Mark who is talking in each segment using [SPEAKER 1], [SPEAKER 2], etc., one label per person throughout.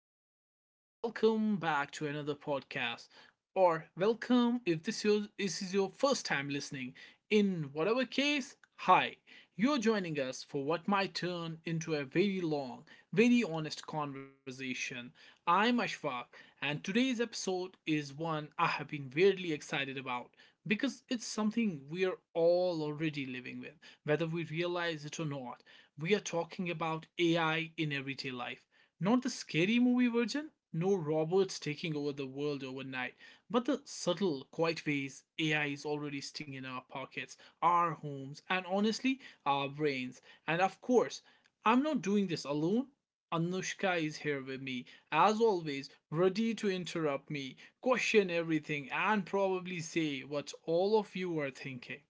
[SPEAKER 1] everyone, and welcome back to another podcast. Or welcome if this is your first time listening. In whatever case, hi, you're joining us for what might turn into a very long, very honest conversation. I'm Ashfaq, and today's episode is one I have been weirdly excited about because it's something we are all already living with, whether we realize it or not. We are talking about AI in everyday life. Not the scary movie version, no robots taking over the world overnight, but the subtle, quiet ways AI is already stinging our pockets, our homes, and honestly, our brains. And of course, I'm not doing this alone. Anushka is here with me, as always, ready to interrupt me, question everything, and probably say what all of you are thinking.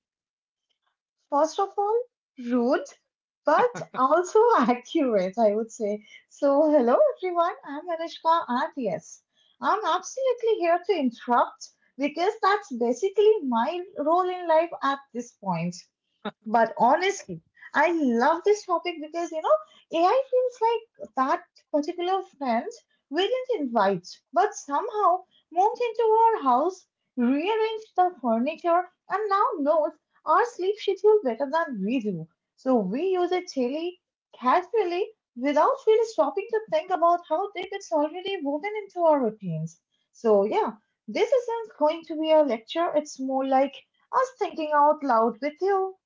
[SPEAKER 2] First of all, rude, but also accurate, I would say. So, hello everyone, I'm Anushka, and yes, I'm absolutely here to interrupt because that's basically my role in life at this point. But honestly, I love this topic because you know AI feels like that particular friend we didn't invite, but somehow moved into our house, rearranged the furniture, and now knows our sleep schedule better than we do. So we use it daily, casually, without really stopping to think about how deep it's already woven into our routines. So yeah, this isn't going to be a lecture. It's more like us thinking out loud with you.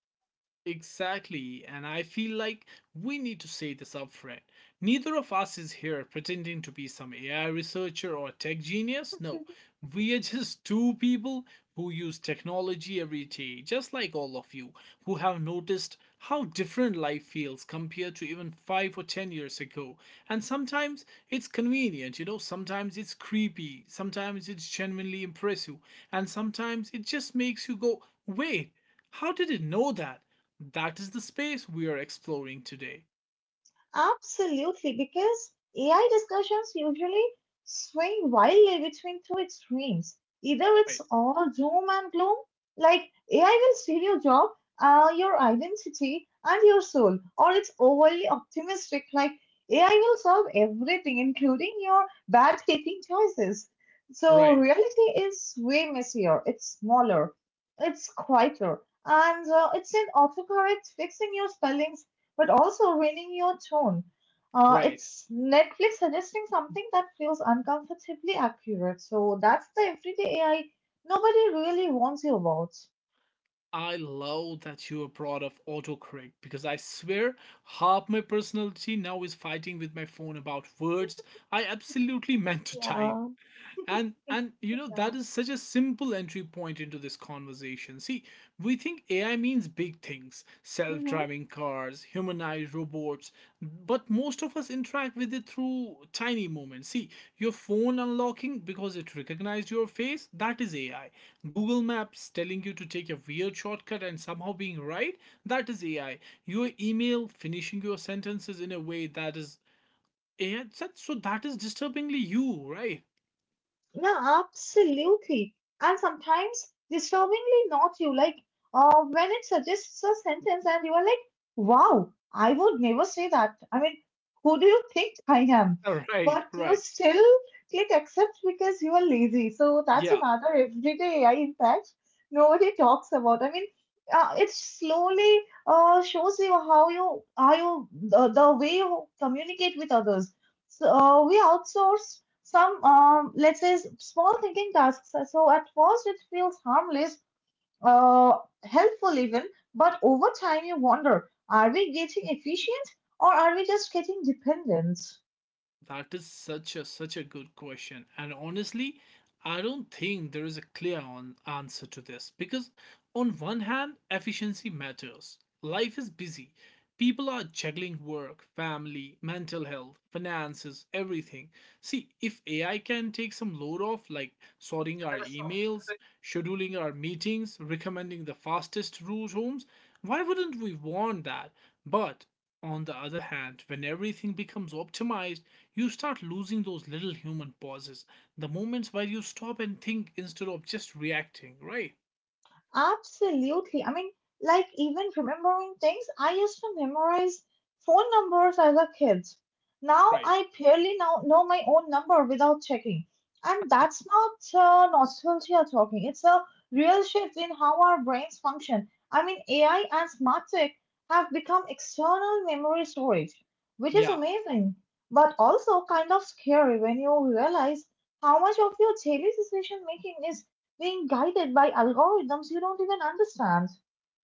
[SPEAKER 1] Exactly, and I feel like we need to say this upfront. Neither of us is here pretending to be some AI researcher or tech genius. No, we are just two people who use technology every day, just like all of you, who have noticed how different life feels compared to even five or ten years ago. And sometimes it's convenient, you know, sometimes it's creepy, sometimes it's genuinely impressive, and sometimes it just makes you go, wait, how did it know that? That is the space we are exploring today.
[SPEAKER 2] Absolutely, because AI discussions usually swing wildly between two extremes. Either it's
[SPEAKER 1] Right,
[SPEAKER 2] all doom and gloom, like AI will steal your job, your identity, and your soul, or it's overly optimistic, like AI will solve everything, including your bad taking choices. So
[SPEAKER 1] right.
[SPEAKER 2] reality is way messier, it's smaller, it's quieter, and it's an autocorrect fixing your spellings, but also ruining your tone.
[SPEAKER 1] Right.
[SPEAKER 2] It's Netflix suggesting something that feels uncomfortably accurate. So that's the everyday AI nobody really warns you about.
[SPEAKER 1] I love that you brought up autocorrect because I swear half my personality now is fighting with my phone about words I absolutely meant to type.
[SPEAKER 2] Yeah,
[SPEAKER 1] And you know
[SPEAKER 2] yeah.
[SPEAKER 1] that is such a simple entry point into this conversation. See, we think AI means big things,
[SPEAKER 2] Mhm.
[SPEAKER 1] self-driving cars, humanized robots, but most of us interact with it through tiny moments. See, your phone unlocking because it recognized your face, that is AI. Google Maps telling you to take a weird shortcut and somehow being right, that is AI. Your email finishing your sentences in a way that is AI, so that is disturbingly you, right?
[SPEAKER 2] Yeah, absolutely. And sometimes disturbingly not you, like when it suggests a sentence and you are like, wow, I would never say that. I mean, who do you think I am?
[SPEAKER 1] Right,
[SPEAKER 2] But you
[SPEAKER 1] right.
[SPEAKER 2] still click accept because you are lazy. So that's
[SPEAKER 1] Yeah,
[SPEAKER 2] another everyday AI impact nobody talks about. I mean, it slowly shows you how the way you communicate with others. So we outsource some let's say small thinking tasks. So at first it feels harmless, uh, helpful even, but over time you wonder, are we getting efficient or are we just getting dependent?
[SPEAKER 1] that is such a such a good question. And honestly, I don't think there is a answer to this because on one hand, efficiency matters. Life is busy, people are juggling work, family, mental health, finances, everything. See, if AI can take some load off, like sorting our emails, scheduling our meetings, recommending the fastest route homes, why wouldn't we want that? But on the other hand, when everything becomes optimized, you start losing those little human pauses, the moments where you stop and think instead of just reacting, right?
[SPEAKER 2] Absolutely. I mean, like even remembering things, I used to memorize phone numbers as a kid. Now
[SPEAKER 1] Right.
[SPEAKER 2] I barely now know my own number without checking. And that's not nostalgia talking. It's a real shift in how our brains function. I mean, AI and smart tech have become external memory storage, which is
[SPEAKER 1] Yeah.
[SPEAKER 2] amazing, but also kind of scary when you realize how much of your daily decision making is being guided by algorithms you don't even understand.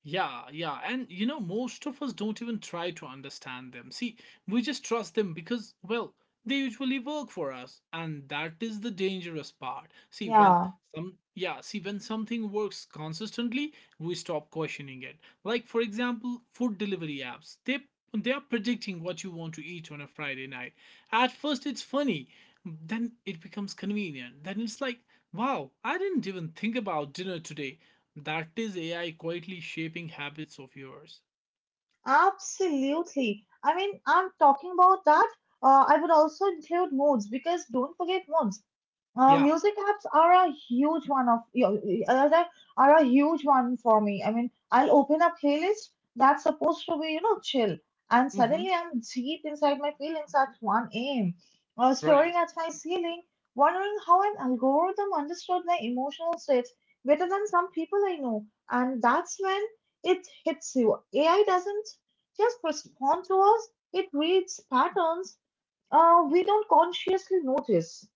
[SPEAKER 1] Yeah, yeah. And you know, most of us don't even try to understand them. See, we just trust them because, well, they usually work for us. And that is the dangerous part. See, when
[SPEAKER 2] Yeah,
[SPEAKER 1] when something works consistently, we stop questioning it. Like, for example, food delivery apps. They are predicting what you want to eat on a Friday night. At first, it's funny. Then it becomes convenient. Then it's like, wow, I didn't even think about dinner today. That is AI quietly shaping habits of yours.
[SPEAKER 2] absolutely. I mean, I'm talking about that. I would also include moods, because don't forget moods.
[SPEAKER 1] Yeah.
[SPEAKER 2] Music apps are a huge one of are a huge one for me. I mean, I'll open a playlist that's supposed to be you know chill, and
[SPEAKER 1] Hmm.
[SPEAKER 2] suddenly I'm deep inside my feelings at 1 a.m. or staring
[SPEAKER 1] Right.
[SPEAKER 2] at my ceiling, wondering how an algorithm understood my emotional states better than some people I know. And that's when it hits you. AI doesn't just respond to us; it reads patterns we don't consciously notice.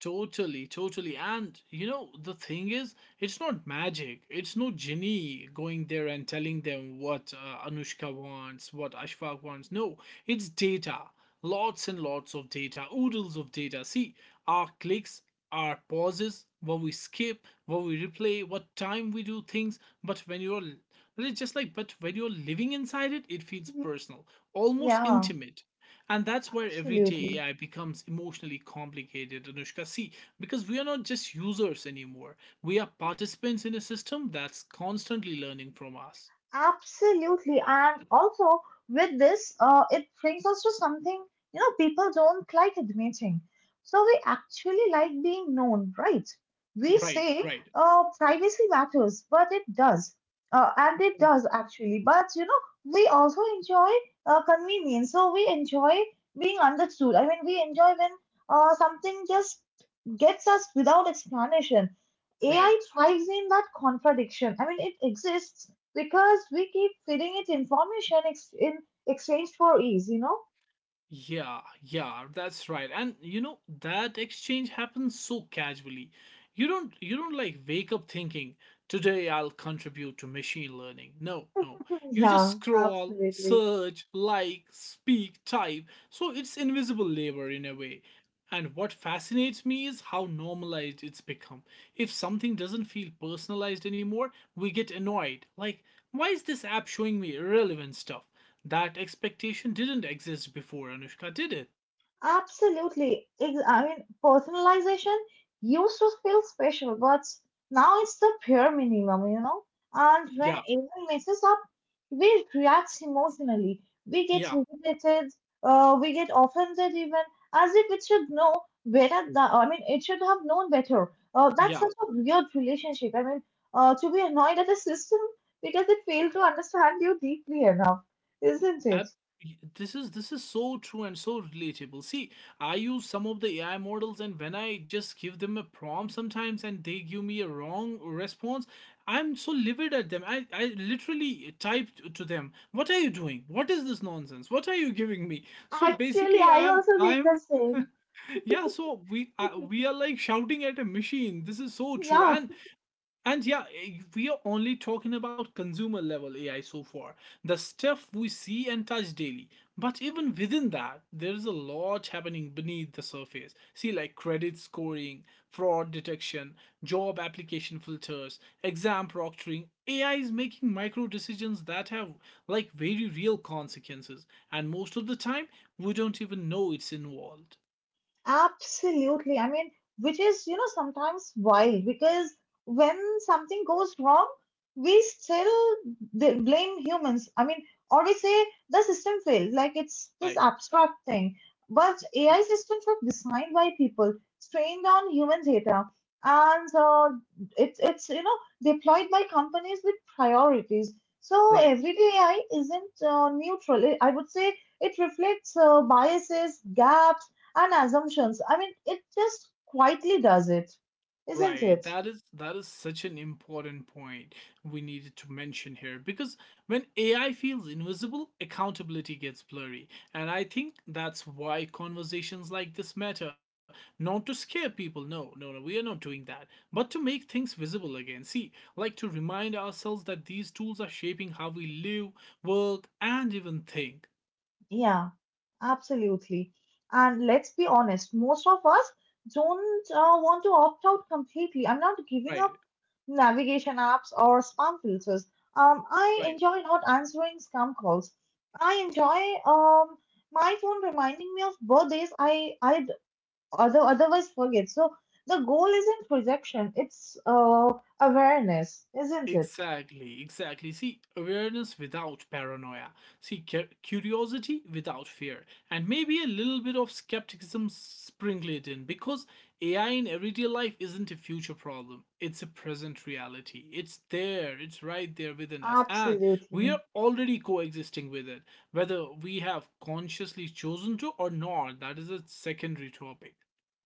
[SPEAKER 1] Totally, totally. And you know, the thing is, it's not magic. It's no genie going there and telling them what Anushka wants, what Ashfaq wants. No, it's data, lots and lots of data, oodles of data. See, our clicks, our pauses, what we skip, what we replay, what time we do things. But when you're living inside it, it feels
[SPEAKER 2] Mhm.
[SPEAKER 1] personal, almost
[SPEAKER 2] Yeah.
[SPEAKER 1] intimate. And that's where
[SPEAKER 2] Absolutely,
[SPEAKER 1] everyday AI becomes emotionally complicated, Anushka. See, because we are not just users anymore. We are participants in a system that's constantly learning from us.
[SPEAKER 2] absolutely, and also with this, it brings us to something you know people don't like admitting. So we actually like being known, right? We
[SPEAKER 1] Right,
[SPEAKER 2] say
[SPEAKER 1] right,
[SPEAKER 2] privacy matters, but it does, and it
[SPEAKER 1] mm,
[SPEAKER 2] does actually. But you know, we also enjoy convenience, so we enjoy being understood. I mean, we enjoy when something just gets us without explanation.
[SPEAKER 1] right.
[SPEAKER 2] AI thrives in that contradiction. I mean, it exists because we keep feeding it information in exchange for ease, you know?
[SPEAKER 1] Yeah, yeah, that's right. And you know, that exchange happens so casually. You don't like wake up thinking, today I'll contribute to machine learning. No, no. You just
[SPEAKER 2] Yeah,
[SPEAKER 1] scroll,
[SPEAKER 2] absolutely.
[SPEAKER 1] search, like, speak, type. So it's invisible labor in a way. And what fascinates me is how normalized it's become. If something doesn't feel personalized anymore, we get annoyed. Like, why is this app showing me irrelevant stuff? That expectation didn't exist before Anushka, did it?
[SPEAKER 2] Absolutely. I mean, personalization used to feel special, but now it's the pure minimum, you know. And when
[SPEAKER 1] Yeah,
[SPEAKER 2] anyone messes up, we react emotionally. We get
[SPEAKER 1] yeah,
[SPEAKER 2] irritated. We get offended even, as if it should know better. I mean, it should have known better. That's
[SPEAKER 1] yeah.
[SPEAKER 2] such a weird relationship. I mean, to be annoyed at the system because it failed to understand you deeply enough, isn't it?
[SPEAKER 1] Ab- this is this is so true and so relatable. See, I use some of the AI models, and when I just give them a prompt sometimes, and they give me a wrong response, I'm so livid at them. I literally typed to them, "What are you doing? What is this nonsense? What are you giving me?" So
[SPEAKER 2] Actually,
[SPEAKER 1] basically,
[SPEAKER 2] I
[SPEAKER 1] I'm
[SPEAKER 2] also did the
[SPEAKER 1] I'm
[SPEAKER 2] same.
[SPEAKER 1] yeah. So we are like shouting at a machine. This is so true.
[SPEAKER 2] Yeah,
[SPEAKER 1] And yeah, we are only talking about consumer level AI so far, the stuff we see and touch daily. But even within that, there is a lot happening beneath the surface. See, like credit scoring, fraud detection, job application filters, exam proctoring. AI is making micro decisions that have like very real consequences, and most of the time, we don't even know it's involved.
[SPEAKER 2] absolutely. I mean, which is, you know, sometimes wild because when something goes wrong, we still blame humans. I mean, or we say the system failed, like it's this
[SPEAKER 1] Like,
[SPEAKER 2] abstract thing. But AI systems are designed by people, trained on human data, and it's you know deployed by companies with priorities. So
[SPEAKER 1] right.
[SPEAKER 2] everyday AI isn't neutral. I would say it reflects biases, gaps and assumptions. I mean, it just quietly does it, isn't
[SPEAKER 1] Right,
[SPEAKER 2] it?
[SPEAKER 1] that is such an important point we needed to mention here because when AI feels invisible, accountability gets blurry. And I think that's why conversations like this matter, not to scare people. No, no, no, we are not doing that, but to make things visible again. See, like to remind ourselves that these tools are shaping how we live, work, and even think.
[SPEAKER 2] Yeah, absolutely. And let's be honest, most of us don't want to opt out completely. I'm not giving up
[SPEAKER 1] Right,
[SPEAKER 2] navigation apps or spam filters. I
[SPEAKER 1] right.
[SPEAKER 2] enjoy not answering scam calls. I enjoy my phone reminding me of birthdays otherwise forget. So the goal isn't projection. It's awareness, isn't it?
[SPEAKER 1] Exactly, exactly. See, awareness without paranoia. See, curiosity without fear. And maybe a little bit of skepticism sprinkled in because AI in everyday life isn't a future problem, it's a present reality. It's there, it's right there within us. And we
[SPEAKER 2] Absolutely.
[SPEAKER 1] are already coexisting with it, whether we have consciously chosen to or not. That is a secondary topic.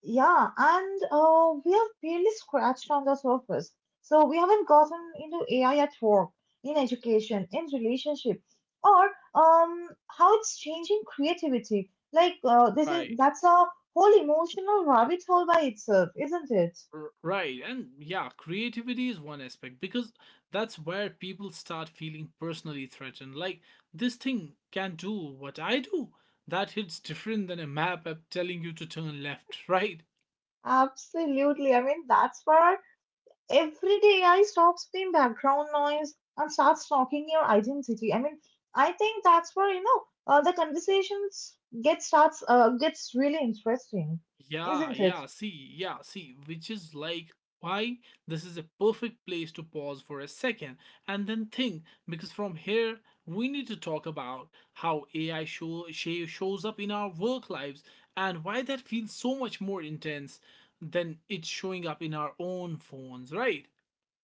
[SPEAKER 2] Yeah, and we have barely scratched on the surface. So we haven't gotten into AI at work, in education, in relationship, or how it's changing creativity. Like this is
[SPEAKER 1] Right.
[SPEAKER 2] that's a whole emotional rabbit hole by itself, isn't it?
[SPEAKER 1] Right, and yeah, creativity is one aspect because that's where people start feeling personally threatened. Like, this thing can do what I do. That hits different than a map app telling you to turn left, right?
[SPEAKER 2] Absolutely. I mean, that's where our every day AI stops being background noise and starts talking your identity. I mean, I think that's where you know the conversations gets really interesting,
[SPEAKER 1] Yeah,
[SPEAKER 2] isn't it?
[SPEAKER 1] yeah, which is like why this is a perfect place to pause for a second and then think because from here we need to talk about how AI shows up in our work lives and why that feels so much more intense than it's showing up in our own phones, right?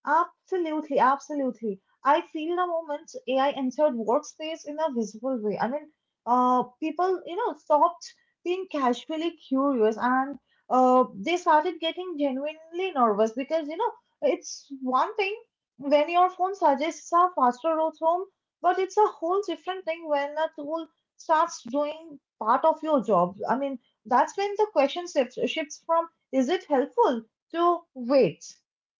[SPEAKER 2] Absolutely, absolutely. I feel the moment AI entered workspace in a visible way. I mean, people, you know, stopped being casually curious, and they started getting genuinely nervous because, you know, it's one thing when your phone suggests a faster route home, but it's a whole different thing when a tool starts doing part of your job. I mean, that's when the question shifts from is it helpful to wait,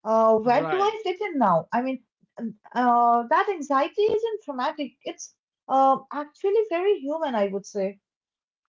[SPEAKER 2] where do
[SPEAKER 1] Right.
[SPEAKER 2] I fit in now? I mean, that anxiety isn't traumatic. It's actually very human, I would say.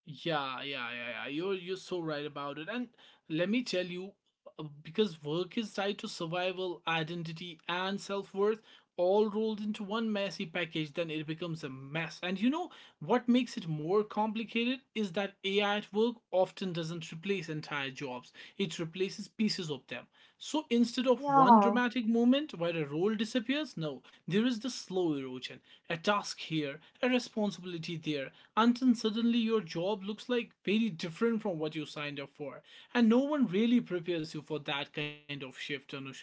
[SPEAKER 1] Yeah, yeah, yeah, yeah. You're so right about it. And let me tell you, because work is tied to survival, identity, and self-worth, all rolled into one messy package, then it becomes a mess. And you know what makes it more complicated is that AI at work often doesn't replace entire jobs, it replaces pieces of them. So instead of one
[SPEAKER 2] Yeah.
[SPEAKER 1] dramatic moment where a role disappears, no, there is the slow erosion. A task here, a responsibility there, until suddenly your job looks like very different from what you signed up for. And no one really prepares you for that kind of shift, Anushka.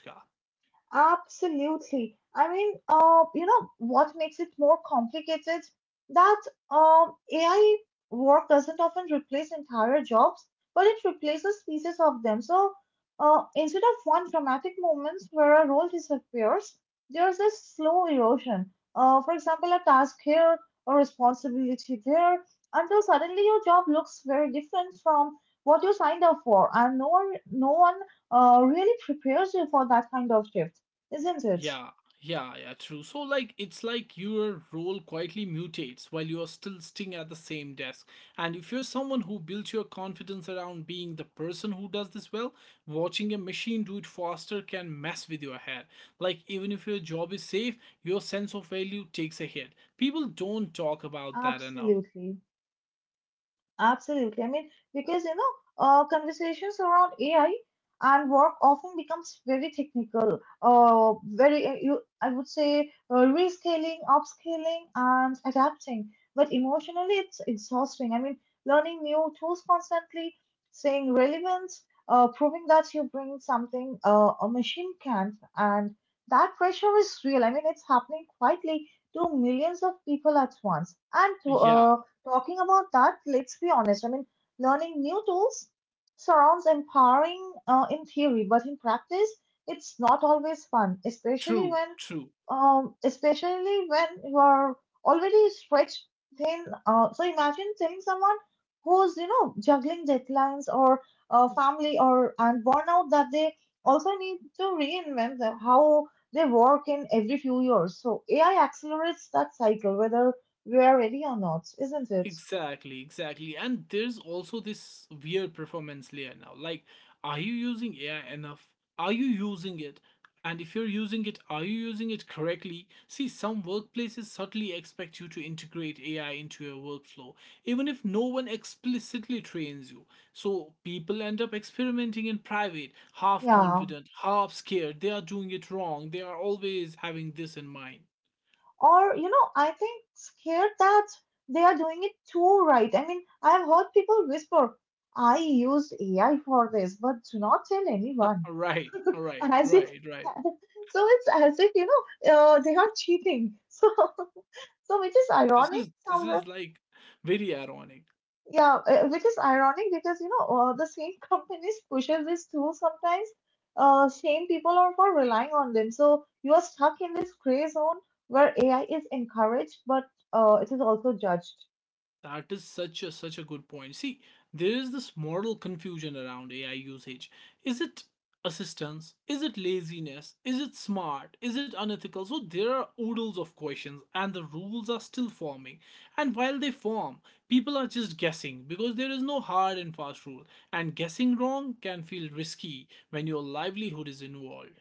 [SPEAKER 2] Absolutely. I mean, you know, what makes it more complicated? That AI work doesn't often replace entire jobs, but it replaces pieces of them. So instead of one dramatic moment where a role disappears, there's a slow erosion. For example, a task here, a responsibility there, until suddenly your job looks very different from what you signed up for, and no one really prepares you for that kind of shift. Isn't it?
[SPEAKER 1] Yeah, yeah, yeah, true. So, like, it's like your role quietly mutates while you're still sitting at the same desk. And if you're someone who built your confidence around being the person who does this well, watching a machine do it faster can mess with your head. Like, even if your job is safe, your sense of value takes a hit. People don't talk about that enough.
[SPEAKER 2] Absolutely. Absolutely. I mean, because you know, conversations around AI and work often becomes very technical. Very, you, I would say, rescaling, upscaling, and adapting. But emotionally, it's exhausting. I mean, learning new tools constantly, staying relevant, proving that you bring something a machine can't, and that pressure is real. I mean, it's happening quietly to millions of people at once, and to
[SPEAKER 1] Yeah,
[SPEAKER 2] talking about that, let's be honest. I mean, learning new tools sounds empowering in theory, but in practice, it's not always fun, especially
[SPEAKER 1] true,
[SPEAKER 2] when,
[SPEAKER 1] true.
[SPEAKER 2] um, especially when you are already stretched thin. So imagine telling someone who's you know juggling deadlines or family or and burnout that they also need to reinvent how they work in every few years. So AI accelerates that cycle, whether rarely or not, isn't it?
[SPEAKER 1] Exactly, exactly. And there's also this weird performance layer now. Like, are you using AI enough? Are you using it? And if you're using it, are you using it correctly? See, some workplaces subtly expect you to integrate AI into your workflow, even if no one explicitly trains you. So people end up experimenting in private, half
[SPEAKER 2] Yeah.
[SPEAKER 1] confident, half scared. They are doing it wrong. They are always having this in mind.
[SPEAKER 2] Or, you know, I think scared that they are doing it too right. I mean, I have heard people whisper, I used AI for this, but do not tell anyone.
[SPEAKER 1] Right,
[SPEAKER 2] And
[SPEAKER 1] right,
[SPEAKER 2] as it,
[SPEAKER 1] right, right.
[SPEAKER 2] so it's as if, you know, they are cheating. So, so which is ironic
[SPEAKER 1] This
[SPEAKER 2] somewhere.
[SPEAKER 1] is like very ironic.
[SPEAKER 2] Yeah, which is ironic because you know the same companies pushes these tools sometimes shame people or for relying on them. So you are stuck in this gray zone where AI is encouraged, but it is also judged.
[SPEAKER 1] That is such a such a good point. See, there is this moral confusion around AI usage. Is it assistance? Is it laziness? Is it smart? Is it unethical? So there are oodles of questions and the rules are still forming. And while they form, people are just guessing because there is no hard and fast rule. And guessing wrong can feel risky when your livelihood is involved.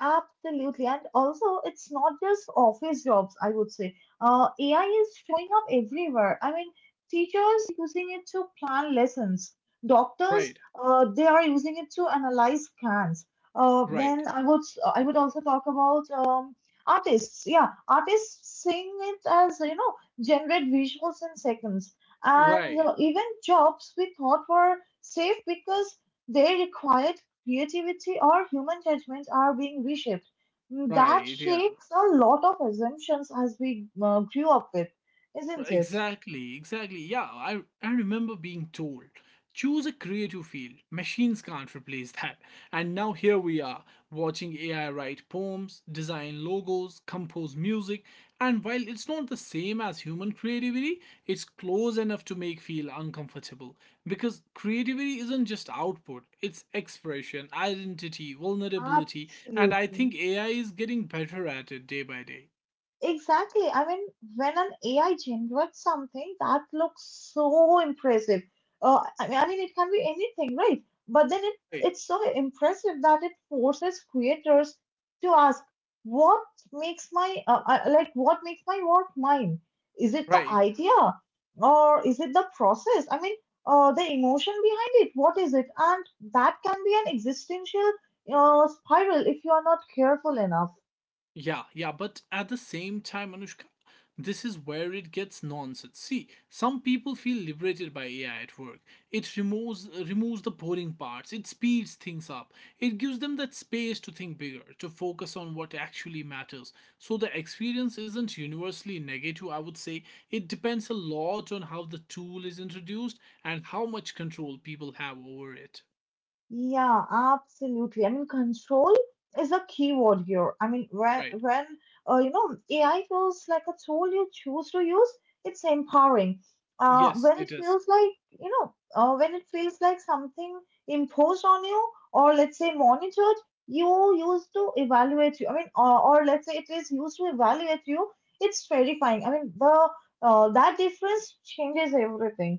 [SPEAKER 2] Absolutely. And also, it's not just office jobs, I would say. AI is showing up everywhere. I mean, teachers using it to plan lessons. Doctors,
[SPEAKER 1] Right,
[SPEAKER 2] they are using it to analyze scans. Uh,
[SPEAKER 1] right,
[SPEAKER 2] then I would I would also talk about artists. Yeah, artists seeing it as, you know, generate visuals in seconds. And
[SPEAKER 1] right,
[SPEAKER 2] even jobs we thought were safe because they required creativity, or human judgment are being reshaped. Mm, that
[SPEAKER 1] right, yeah.
[SPEAKER 2] shakes a lot of assumptions as we grew up with, isn't it?
[SPEAKER 1] Exactly, exactly. Yeah, I remember being told choose a creative field, machines can't replace that. And now here we are, watching AI write poems, design logos, compose music, and while it's not the same as human creativity, it's close enough to make feel uncomfortable. Because creativity isn't just output, it's expression, identity, vulnerability, and I
[SPEAKER 2] Absolutely.
[SPEAKER 1] think AI is getting better at it day by day.
[SPEAKER 2] Exactly. I mean, when an AI generates something that looks so impressive, it can be anything, right? But then it,
[SPEAKER 1] Right,
[SPEAKER 2] it's so impressive that it forces creators to ask, what makes my what makes my work mine? Is it the
[SPEAKER 1] right.
[SPEAKER 2] idea or is it the process? I mean, the emotion behind it. What is it? And that can be an existential spiral if you are not careful enough.
[SPEAKER 1] Yeah, yeah, but at the same time, Anushka, this is where it gets nonsense. See, some people feel liberated by AI at work. It removes the boring parts, it speeds things up. It gives them that space to think bigger, to focus on what actually matters. So the experience isn't universally negative, I would say. It depends a lot on how the tool is introduced and how much control people have over it.
[SPEAKER 2] Yeah, absolutely. I mean, control is a key word here. I mean, when
[SPEAKER 1] Right.
[SPEAKER 2] when uh, you know AI feels like a tool you choose to use, it's empowering. Uh,
[SPEAKER 1] Yes,
[SPEAKER 2] when it
[SPEAKER 1] it is.
[SPEAKER 2] feels like uh, when it feels like something imposed on you, or let's say monitored, you used to evaluate you. I mean, or let's say it is used to evaluate you. It's terrifying. I mean, the That difference changes everything.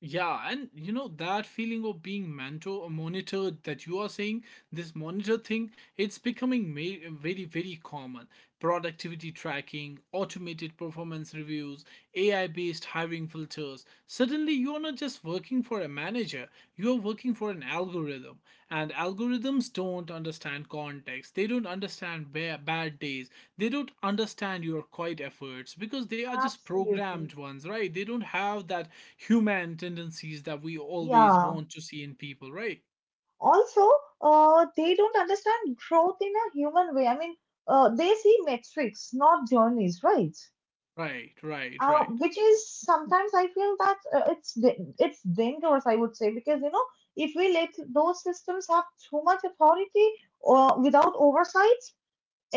[SPEAKER 1] Yeah, and you know that feeling of being mentor monitored that you are saying this monitor thing, it's becoming very very common. Productivity tracking, automated performance reviews, AI based hiring filters. Suddenly, you're not just working for a manager, you're working for an algorithm. And algorithms don't understand context, they don't understand bad days, they don't understand your quiet efforts because they are just
[SPEAKER 2] Absolutely.
[SPEAKER 1] programmed ones, right? They don't have that human tendencies that we always
[SPEAKER 2] Yeah.
[SPEAKER 1] want to see in people, right?
[SPEAKER 2] Also, they don't understand growth in a human way. They see metrics, not journeys, right?
[SPEAKER 1] Right, right, right.
[SPEAKER 2] Which is sometimes I feel that it's it's dangerous, I would say, because you know, if we let those systems have too much authority without oversight,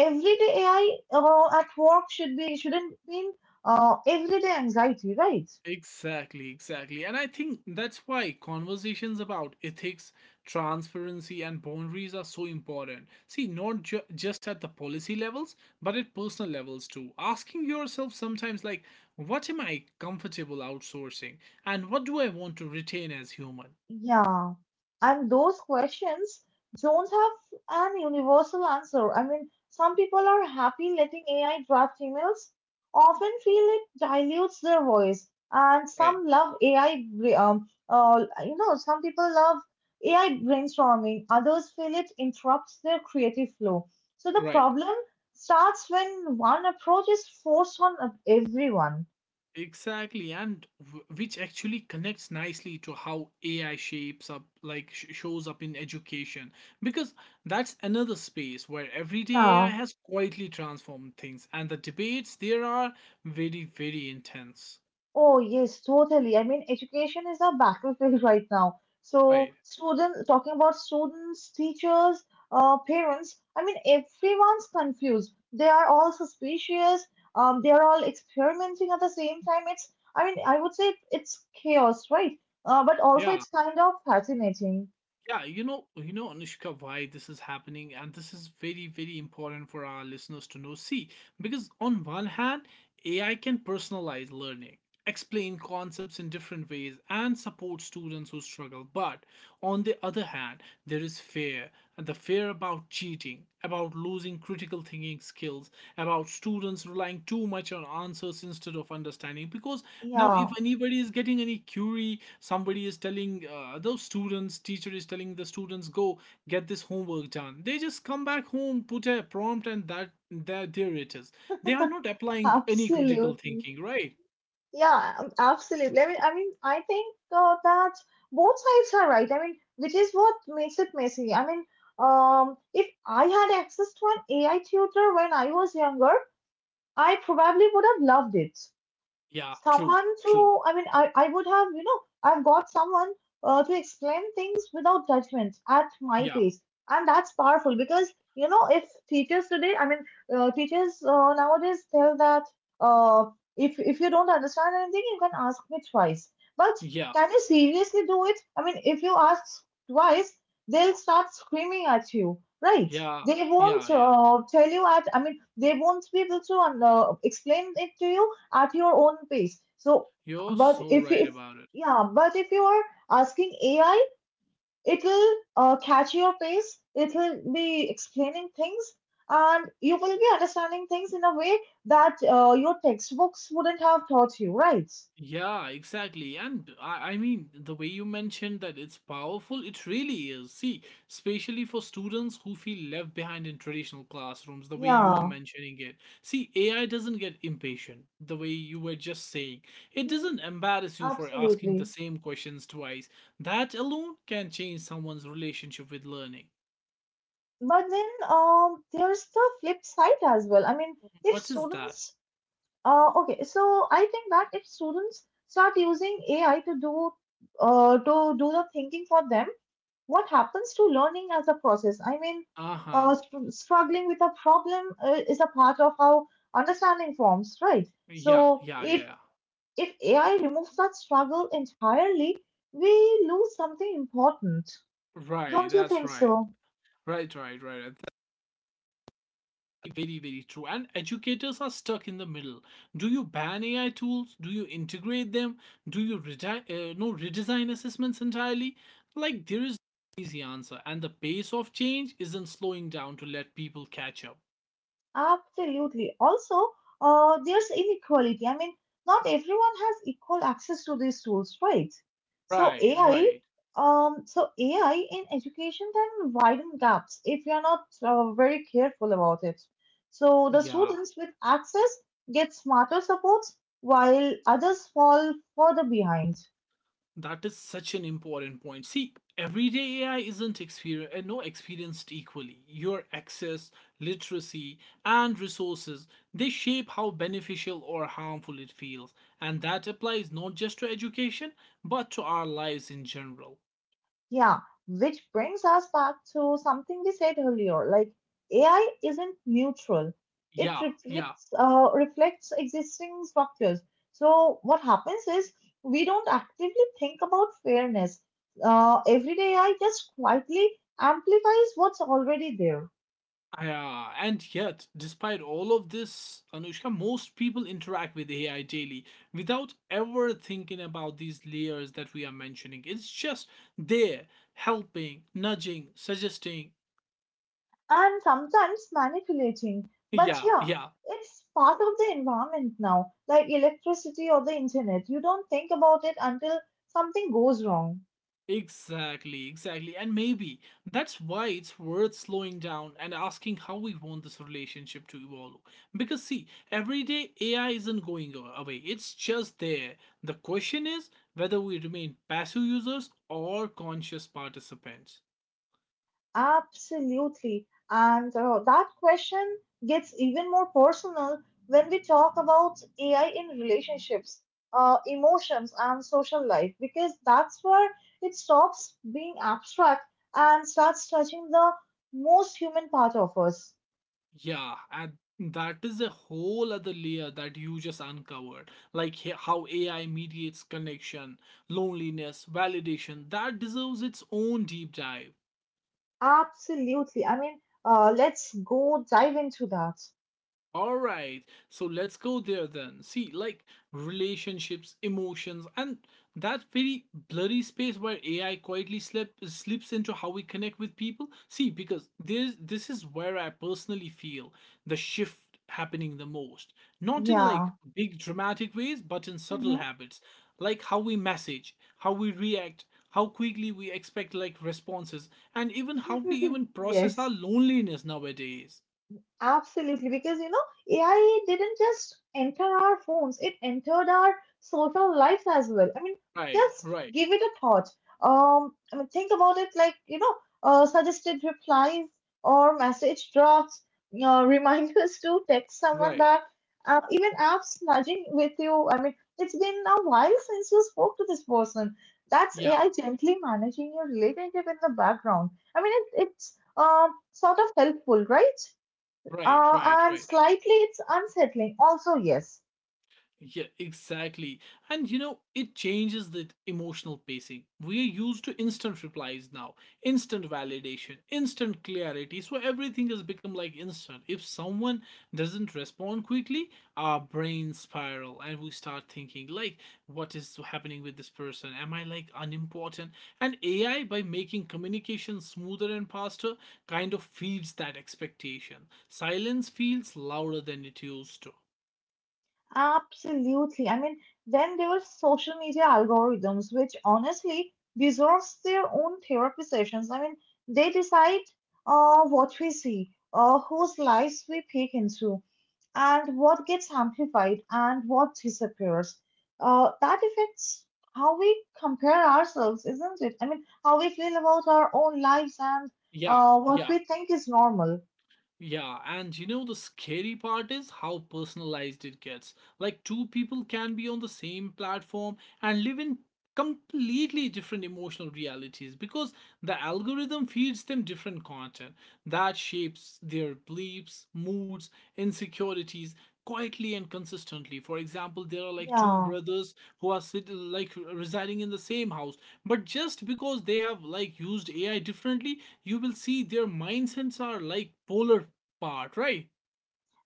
[SPEAKER 2] everyday AI at work should be shouldn't mean everyday anxiety, right?
[SPEAKER 1] Exactly, exactly. And I think that's why conversations about ethics, transparency, and boundaries are so important. See, not just at the policy levels, but at personal levels too. Asking yourself sometimes, like, what am I comfortable outsourcing? And what do I want to retain as human?
[SPEAKER 2] Yeah, and those questions don't have an universal answer. I mean, some people are happy letting AI draft emails, often feel it dilutes their voice, and
[SPEAKER 1] Right,
[SPEAKER 2] some love AI, you know, some people love AI brainstorming, others feel it interrupts their creative flow. So the
[SPEAKER 1] right.
[SPEAKER 2] problem starts when one approach is forced on everyone.
[SPEAKER 1] Exactly, and which actually connects nicely to how AI shapes up, like shows up in education, because that's another space where everyday AI
[SPEAKER 2] Yeah.
[SPEAKER 1] has quietly transformed things, and the debates there are very, very intense.
[SPEAKER 2] Oh, yes, totally. I mean, education is a battlefield right now. So,
[SPEAKER 1] Right.
[SPEAKER 2] students, talking about students, teachers, parents, I mean, everyone's confused. They are all suspicious. They are all experimenting at the same time. It's, I mean, I would say it's chaos, right? But also
[SPEAKER 1] Yeah.
[SPEAKER 2] it's kind of fascinating.
[SPEAKER 1] Yeah. You know, Anushka, why this is happening, and this is very, very important for our listeners to know. See, because on one hand, AI can personalize learning explain concepts in different ways and support students who struggle. But on the other hand, there is fear and the fear about cheating, about losing critical thinking skills, about students relying too much on answers instead of understanding. Because now, if
[SPEAKER 2] Yeah,
[SPEAKER 1] anybody is getting any query, somebody is telling those students, teacher is telling the students, go get this homework done. They just come back home, put a prompt, and that there it is. They are not applying any critical
[SPEAKER 2] absolutely.
[SPEAKER 1] thinking, right?
[SPEAKER 2] Yeah, absolutely. I mean, I think that both sides are right. I mean, which is what makes it messy. I mean, if I had access to an AI tutor when I was younger, I probably would have loved it.
[SPEAKER 1] Yeah, true,
[SPEAKER 2] Someone
[SPEAKER 1] true.
[SPEAKER 2] to, I mean, I would have, you know, I've got someone to explain things without judgment at my
[SPEAKER 1] Yeah,
[SPEAKER 2] pace. And that's powerful because, you know, if teachers today, teachers nowadays tell that, uh, if you don't understand anything, you can ask me twice, but
[SPEAKER 1] yeah,
[SPEAKER 2] can you seriously do it? I mean, if you ask twice, they'll start screaming at you, right?
[SPEAKER 1] yeah,
[SPEAKER 2] They won't
[SPEAKER 1] yeah, yeah.
[SPEAKER 2] tell you at, I mean, they won't be able to explain it to you at your own pace. So,
[SPEAKER 1] You're
[SPEAKER 2] but
[SPEAKER 1] so right
[SPEAKER 2] if
[SPEAKER 1] about it.
[SPEAKER 2] yeah, but if you are asking AI, it'll catch your pace. It'll be explaining things, and you will be understanding things in a way that your textbooks wouldn't have taught you, right?
[SPEAKER 1] Yeah, exactly. And I mean, the way you mentioned that it's powerful, it really is. See, especially for students who feel left behind in traditional classrooms, the way you are
[SPEAKER 2] Yeah.
[SPEAKER 1] mentioning it. See, AI doesn't get impatient, the way you were just saying. It
[SPEAKER 2] Mhm.
[SPEAKER 1] doesn't embarrass you for asking the
[SPEAKER 2] Absolutely.
[SPEAKER 1] same questions twice. That alone can change someone's relationship with learning.
[SPEAKER 2] But then there's the flip side as well. I mean, if
[SPEAKER 1] What is that?
[SPEAKER 2] students, okay, so I think that if students start using AI to do the thinking for them, what happens to learning as a process? I mean,
[SPEAKER 1] Uh huh.
[SPEAKER 2] struggling with a problem is a part of how understanding forms, right? So
[SPEAKER 1] Yeah, yeah, yeah.
[SPEAKER 2] if
[SPEAKER 1] Yeah.
[SPEAKER 2] if AI removes that struggle entirely, we lose something important.
[SPEAKER 1] Right,
[SPEAKER 2] Don't you
[SPEAKER 1] that's
[SPEAKER 2] think
[SPEAKER 1] right.
[SPEAKER 2] so?
[SPEAKER 1] Right, right, right. And that's very, very true. And educators are stuck in the middle. Do you ban AI tools? Do you integrate them? Do you redi- no redesign assessments entirely? Like there is no easy answer, and the pace of change isn't slowing down to let people catch up.
[SPEAKER 2] Absolutely. Also, there's inequality. I mean, not everyone has equal access to these tools, right?
[SPEAKER 1] Right,
[SPEAKER 2] So AI,
[SPEAKER 1] right.
[SPEAKER 2] um, so AI in education can widen gaps if you're not very careful about it. So the
[SPEAKER 1] Yeah,
[SPEAKER 2] students with access get smarter supports, while others fall further behind.
[SPEAKER 1] that is such an important point. See, everyday AI isn't experienced and no experienced equally. Your access, literacy, and resources, they shape how beneficial or harmful it feels. And that applies not just to education, but to our lives in general.
[SPEAKER 2] Yeah, which brings us back to something we said earlier, like AI isn't neutral. It
[SPEAKER 1] Yeah, yeah.
[SPEAKER 2] reflects existing structures. So what happens is we don't actively think about fairness. Everyday AI just quietly amplifies what's already there.
[SPEAKER 1] Yeah, and yet, despite all of this, Anushka, most people interact with AI daily without ever thinking about these layers that we are mentioning. It's just there, helping, nudging, suggesting.
[SPEAKER 2] And sometimes manipulating. But
[SPEAKER 1] Yeah,
[SPEAKER 2] yeah,
[SPEAKER 1] yeah.
[SPEAKER 2] it's part of the environment now, like electricity or the internet. You don't think about it until something goes wrong.
[SPEAKER 1] Exactly, exactly. And maybe that's why it's worth slowing down and asking how we want this relationship to evolve. Because, see, every day AI isn't going away, it's just there. The question is whether we remain passive users or conscious participants.
[SPEAKER 2] Absolutely. And that question gets even more personal when we talk about AI in relationships, emotions, and social life, because that's where it stops being abstract and starts touching the most human part of us.
[SPEAKER 1] Yeah, and that is a whole other layer that you just uncovered. Like how AI mediates connection, loneliness, validation, that deserves its own deep dive.
[SPEAKER 2] Absolutely. I mean, let's go dive into that.
[SPEAKER 1] All right, so let's go there then. See, like relationships, emotions, and that very blurry space where AI quietly slips into how we connect with people. See, because this is where I personally feel the shift happening the most. Not in like
[SPEAKER 2] Yeah.
[SPEAKER 1] big dramatic ways, but in subtle
[SPEAKER 2] Mhm.
[SPEAKER 1] habits, like how we message, how we react, how quickly we expect like responses, and even how we even process our
[SPEAKER 2] Yes.
[SPEAKER 1] loneliness nowadays.
[SPEAKER 2] Absolutely, because you know, AI didn't just enter our phones, it entered our social lives as well. I mean,
[SPEAKER 1] Right,
[SPEAKER 2] just
[SPEAKER 1] right,
[SPEAKER 2] give it a thought. I mean, think about it, like, you know, suggested replies or message drafts, reminders to text someone
[SPEAKER 1] right.
[SPEAKER 2] back, even apps nudging with you. I mean, it's been a while since you spoke to this person. That's
[SPEAKER 1] Yeah.
[SPEAKER 2] AI gently managing your relationship in the background. I mean, it's sort of helpful, right?
[SPEAKER 1] Right, right,
[SPEAKER 2] And
[SPEAKER 1] right.
[SPEAKER 2] slightly it's unsettling. Also, yes,
[SPEAKER 1] Yeah, exactly. And you know, it changes the emotional pacing. We are used to instant replies now, instant validation, instant clarity. So everything has become like instant. If someone doesn't respond quickly, our brains spiral and we start thinking like what is happening with this person? Am I like unimportant? And AI by making communication smoother and faster kind of feeds that expectation. Silence feels louder than it used to.
[SPEAKER 2] absolutely. I mean, then there were social media algorithms, which honestly deserves their own therapy sessions. I mean, they decide what we see, whose lives we peek into, and what gets amplified and what disappears. That affects how we compare ourselves, isn't it? I mean, how we feel about our own lives and
[SPEAKER 1] Yeah,
[SPEAKER 2] what
[SPEAKER 1] yeah.
[SPEAKER 2] we think is normal.
[SPEAKER 1] Yeah, and you know the scary part is how personalized it gets. Like two people can be on the same platform and live in completely different emotional realities because the algorithm feeds them different content that shapes their beliefs, moods, insecurities quietly and consistently. For example, there are like two
[SPEAKER 2] Yeah.
[SPEAKER 1] brothers who are like residing in the same house, but just because they have like used AI differently, you will see their mindsets are like polar part, right?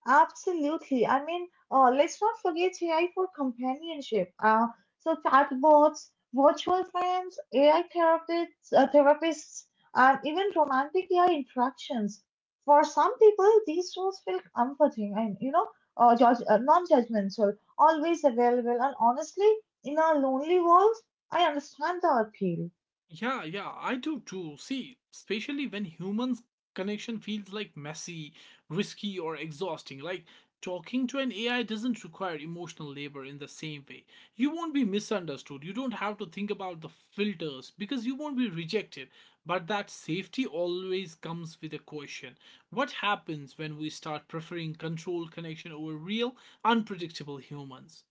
[SPEAKER 2] Absolutely. I mean, let's not forget AI for companionship. So chatbots, virtual friends, AI therapists, and even romantic AI interactions. For some people, these tools feel comforting and, you know, non-judgmental, always available. And honestly, in our lonely world, I understand the appeal.
[SPEAKER 1] Yeah, yeah, I do too. See, especially when humans' connection feels like messy, risky, or exhausting. Like talking to an AI doesn't require emotional labor in the same way. You won't be misunderstood. You don't have to think about the filters because you won't be rejected. But that safety always comes with a question. What happens when we start preferring controlled connection over real, unpredictable humans?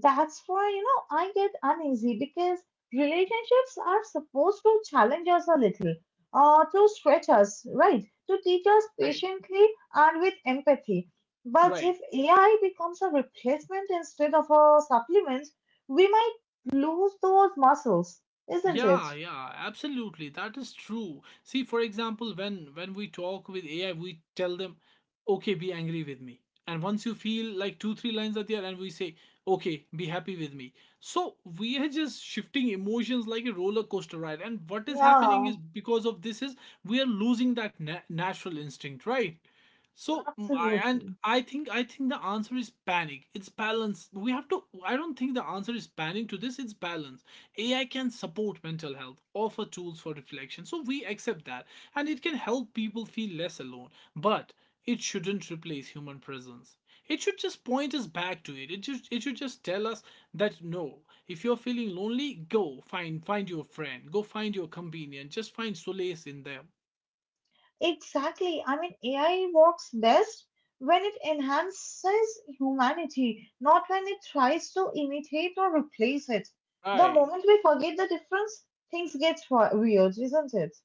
[SPEAKER 2] That's why, you know, I get uneasy because relationships are supposed to challenge us a little, to stretch us, right? To teach us
[SPEAKER 1] Right,
[SPEAKER 2] patiently and with empathy. But
[SPEAKER 1] right.
[SPEAKER 2] if AI becomes a replacement instead of a supplement, we might lose those muscles, isn't it?
[SPEAKER 1] Yeah, yeah, absolutely. That is true. See, for example, when we talk with AI, we tell them, "Okay, be angry with me." And once you feel like two, three lines are there, and we say, "Okay, be happy with me." So we are just shifting emotions like a roller coaster ride. And what is happening
[SPEAKER 2] Yeah,
[SPEAKER 1] is because of this is we are losing that natural instinct, right? So
[SPEAKER 2] absolutely.
[SPEAKER 1] I think the answer is panic. It's balance. We have to I don't think the answer is panic to this, it's balance. AI can support mental health, offer tools for reflection. So we accept that and it can help people feel less alone, but it shouldn't replace human presence. It should just point us back to it. It should just tell us that no, if you're feeling lonely, go find your friend, go find your companion, just find solace in them.
[SPEAKER 2] Exactly. I mean, AI works best when it enhances humanity, not when it tries to imitate or replace it. The
[SPEAKER 1] Right.
[SPEAKER 2] moment we forget the difference, things get weird, isn't it?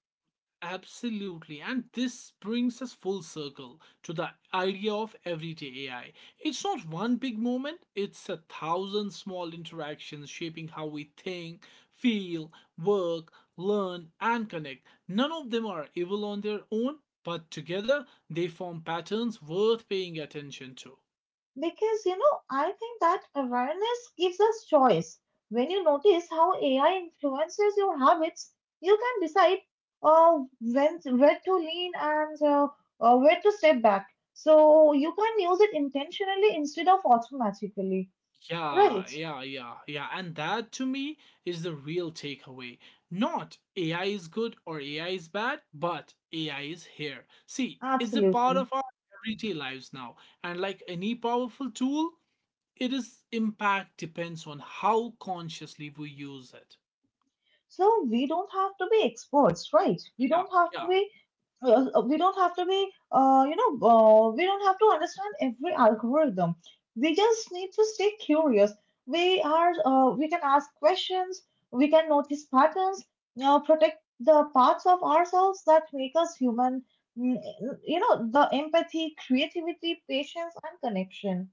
[SPEAKER 1] Absolutely. And this brings us full circle to the idea of everyday AI. It's not one big moment, it's a thousand small interactions shaping how we think, feel, work, learn, and connect. None of them are evil on their own, but together they form patterns worth paying attention to.
[SPEAKER 2] Because, you know, I think that awareness gives us choice. When you notice how AI influences your habits, you can decide when where to lean and where to step back. So you can use it intentionally instead of automatically.
[SPEAKER 1] Yeah,
[SPEAKER 2] Right,
[SPEAKER 1] yeah, yeah, yeah. And that to me is the real takeaway. Not AI is good or AI is bad, but AI is here. See, it's a part
[SPEAKER 2] absolutely.
[SPEAKER 1] of our everyday lives now. And like any powerful tool, it is impact depends on how consciously we use it.
[SPEAKER 2] So we don't have to be experts, right? We
[SPEAKER 1] Yeah,
[SPEAKER 2] don't have to
[SPEAKER 1] yeah.
[SPEAKER 2] be, we don't have to be, you know, We don't have to understand every algorithm. We just need to stay curious. We can ask questions. We can notice patterns. Protect the parts of ourselves that make us human. Mm, you know, the empathy, creativity, patience, and connection.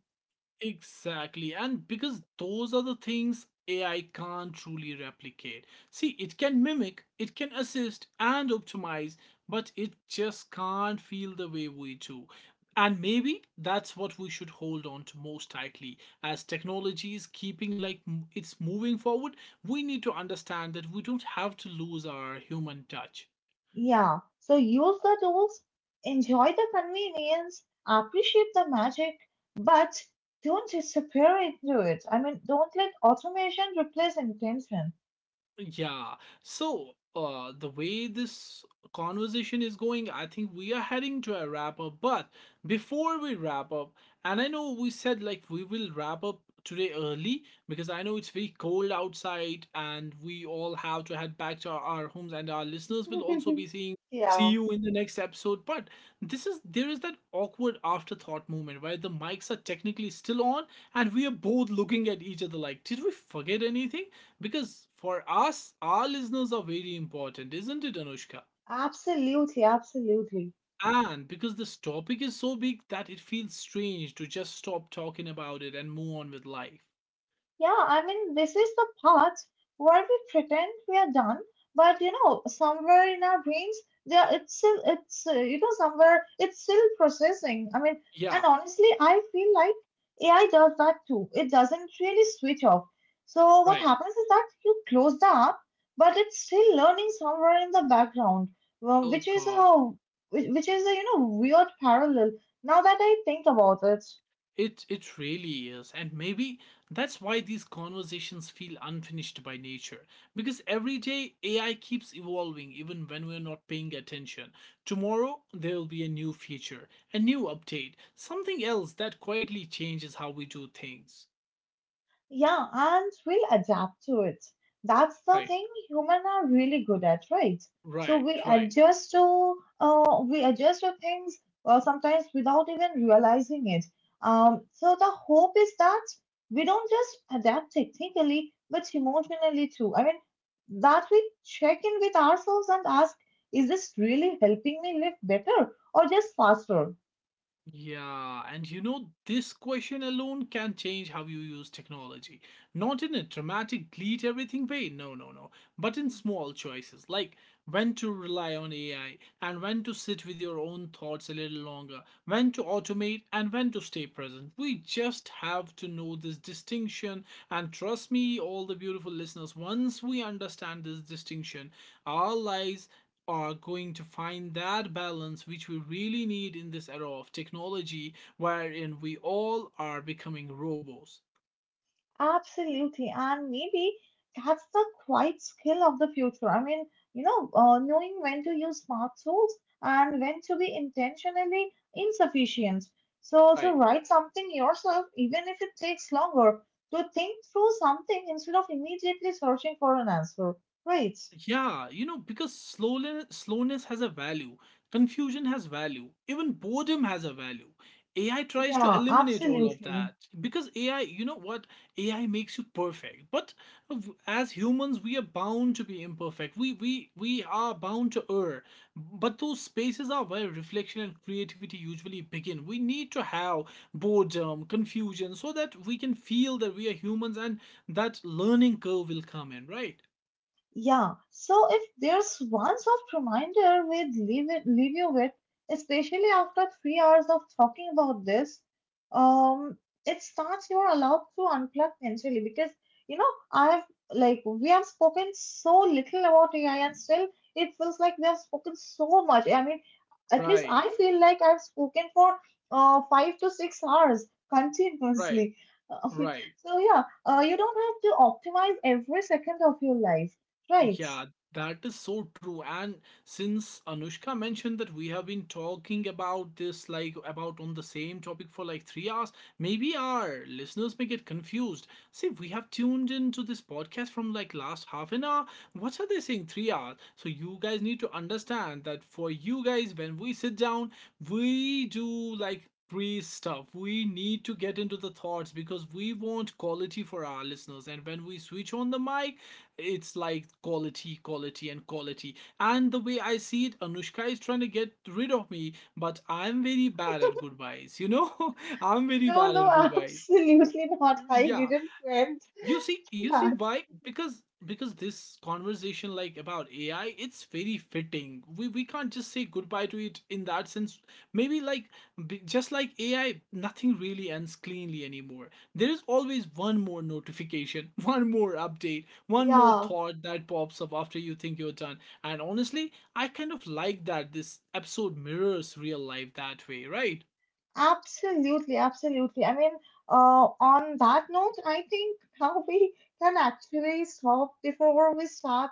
[SPEAKER 1] Exactly. And because those are the things AI can't truly replicate. See, it can mimic, it can assist and optimize, but it just can't feel the way we do. And maybe that's what we should hold on to most tightly. As technology is keeping like it's moving forward, we need to understand that we don't have to lose our human touch.
[SPEAKER 2] Yeah, so use the tools, enjoy the convenience, appreciate the magic, but don't disappear into it. I mean, don't let automation replace intention.
[SPEAKER 1] Yeah. So, the way this conversation is going, I think we are heading to a wrap up. But before we wrap up, and I know we said like we will wrap up today early because I know it's very cold outside and we all have to head back to our homes, and our listeners will also be seeing. See
[SPEAKER 2] Yeah,
[SPEAKER 1] you in the next episode. But this is there is that awkward afterthought moment where the mics are technically still on and we are both looking at each other like, did we forget anything? Because for us, our listeners are very important, isn't it, Anushka?
[SPEAKER 2] absolutely, absolutely.
[SPEAKER 1] And because this topic is so big that it feels strange to just stop talking about it and move on with life.
[SPEAKER 2] Yeah, I mean, this is the part where we pretend we are done, but you know, somewhere in our brains, there it's still it's you know, somewhere it's still processing. I mean,
[SPEAKER 1] Yeah,
[SPEAKER 2] and honestly, I feel like AI does that too. It doesn't really switch off. So what
[SPEAKER 1] right.
[SPEAKER 2] happens is that you close the app, but it's still learning somewhere in the background, well,
[SPEAKER 1] Oh
[SPEAKER 2] which is
[SPEAKER 1] God.
[SPEAKER 2] a which which is a, you know, weird parallel. Now that I think about it.
[SPEAKER 1] It really is. And maybe that's why these conversations feel unfinished by nature. Because every day AI keeps evolving even when we're not paying attention. Tomorrow there'll be a new feature, a new update, something else that quietly changes how we do things.
[SPEAKER 2] Yeah, ants will adapt to it. That's the
[SPEAKER 1] Right,
[SPEAKER 2] thing humans are really good at, right? So
[SPEAKER 1] right, right.
[SPEAKER 2] we adjust to things sometimes without even realizing it. So the hope is that we don't just adapt technically, but emotionally too. I mean, that we check in with ourselves and ask, is this really helping me live better or just faster?
[SPEAKER 1] Yeah, and you know, this question alone can change how you use technology. Not in a dramatic delete everything way, no, no, no, but in small choices like when to rely on AI, and when to sit with your own thoughts a little longer, when to automate, and when to stay present. We just have to know this distinction. And trust me, all the beautiful listeners, once we understand this distinction, our lives are going to find that balance which we really need in this era of technology, wherein we all are becoming robots.
[SPEAKER 2] Absolutely, and maybe that's the quiet skill of the future. I mean, you know, knowing when to use smart tools and when to be intentionally insufficient. So, to
[SPEAKER 1] Right.
[SPEAKER 2] write something yourself, even if it takes longer, to think through something instead of immediately searching for an answer. Right.
[SPEAKER 1] Yeah, you know, because slowness has a value, confusion has value, even boredom has a value. AI tries to
[SPEAKER 2] Yeah,
[SPEAKER 1] eliminate all of
[SPEAKER 2] absolutely.
[SPEAKER 1] that because AI, you know what, AI makes you perfect. But as humans, we are bound to be imperfect. We are bound to err. But those spaces are where reflection and creativity usually begin. We need to have boredom, confusion, so that we can feel that we are humans and that learning curve will come in, right?
[SPEAKER 2] Yeah, so if there's one soft reminder we'd leave you with, especially after 3 hours of talking about this, um, it starts you're allowed to unplug mentally because, you know, I've, like, we have spoken so little about AI and still it feels like we have spoken so much. I mean, at least
[SPEAKER 1] Right.
[SPEAKER 2] I feel like I've spoken for 5 to 6 hours
[SPEAKER 1] Right,
[SPEAKER 2] continuously. Um,
[SPEAKER 1] right.
[SPEAKER 2] so yeah, you don't have to optimize every second of your life. Right.
[SPEAKER 1] Yeah, that is so true. And since Anushka mentioned that we have been talking about this, like about on the same topic for like 3 hours, maybe our listeners may get confused. See, we have tuned into this podcast from like last half an hour. What are they saying? 3 hours. So you guys need to understand that for you guys, when we sit down, we do like pre stuff. We need to get into to the thoughts because we want quality for our listeners and when we switch on the mic it's like quality quality and quality and the way I see it Anushka is trying to get rid of me but I'm very bad at goodbyes you know I'm very
[SPEAKER 2] No,
[SPEAKER 1] bad
[SPEAKER 2] no,
[SPEAKER 1] at goodbyes
[SPEAKER 2] absolutely not. I
[SPEAKER 1] yeah
[SPEAKER 2] didn't meant
[SPEAKER 1] you see
[SPEAKER 2] that.
[SPEAKER 1] why? Because this conversation like about AI, it's very fitting. We can't just say goodbye to it in that sense. Maybe like just like AI, nothing really ends cleanly anymore. There is always one more notification, one more update, one more
[SPEAKER 2] Yeah,
[SPEAKER 1] thought that pops up after you think you're done. And honestly, I kind of like that this episode mirrors real life that way, right?
[SPEAKER 2] absolutely, absolutely. I mean, on that note, I think now we can actually stop before we start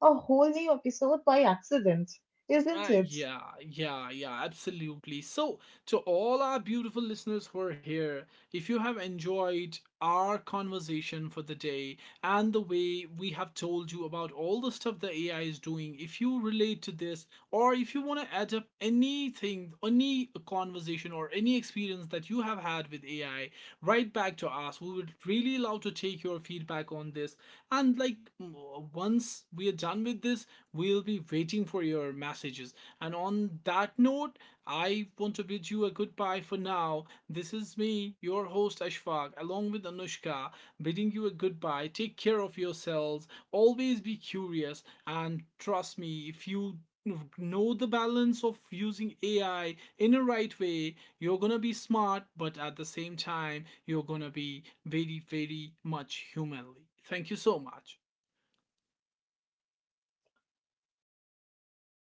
[SPEAKER 2] a whole new episode by accident, isn't it?
[SPEAKER 1] Yeah, yeah, yeah, absolutely. So, to all our beautiful listeners who are here, if you have enjoyed our conversation for the day and the way we have told you about all the stuff the AI is doing, if you relate to this, or if you want to add up anything, any conversation, or any experience that you have had with AI, write back to us. We would really love to take your feedback on this and like once we are done with this we'll be waiting for your messages and on that note I want to bid you a goodbye for now this is me your host Ashfaq along with Anushka bidding you a goodbye take care of yourselves always be curious and trust me if you know the balance of using AI in a right way you're gonna be smart, but at the same time, you're gonna be very, very much humanly. Thank you so much.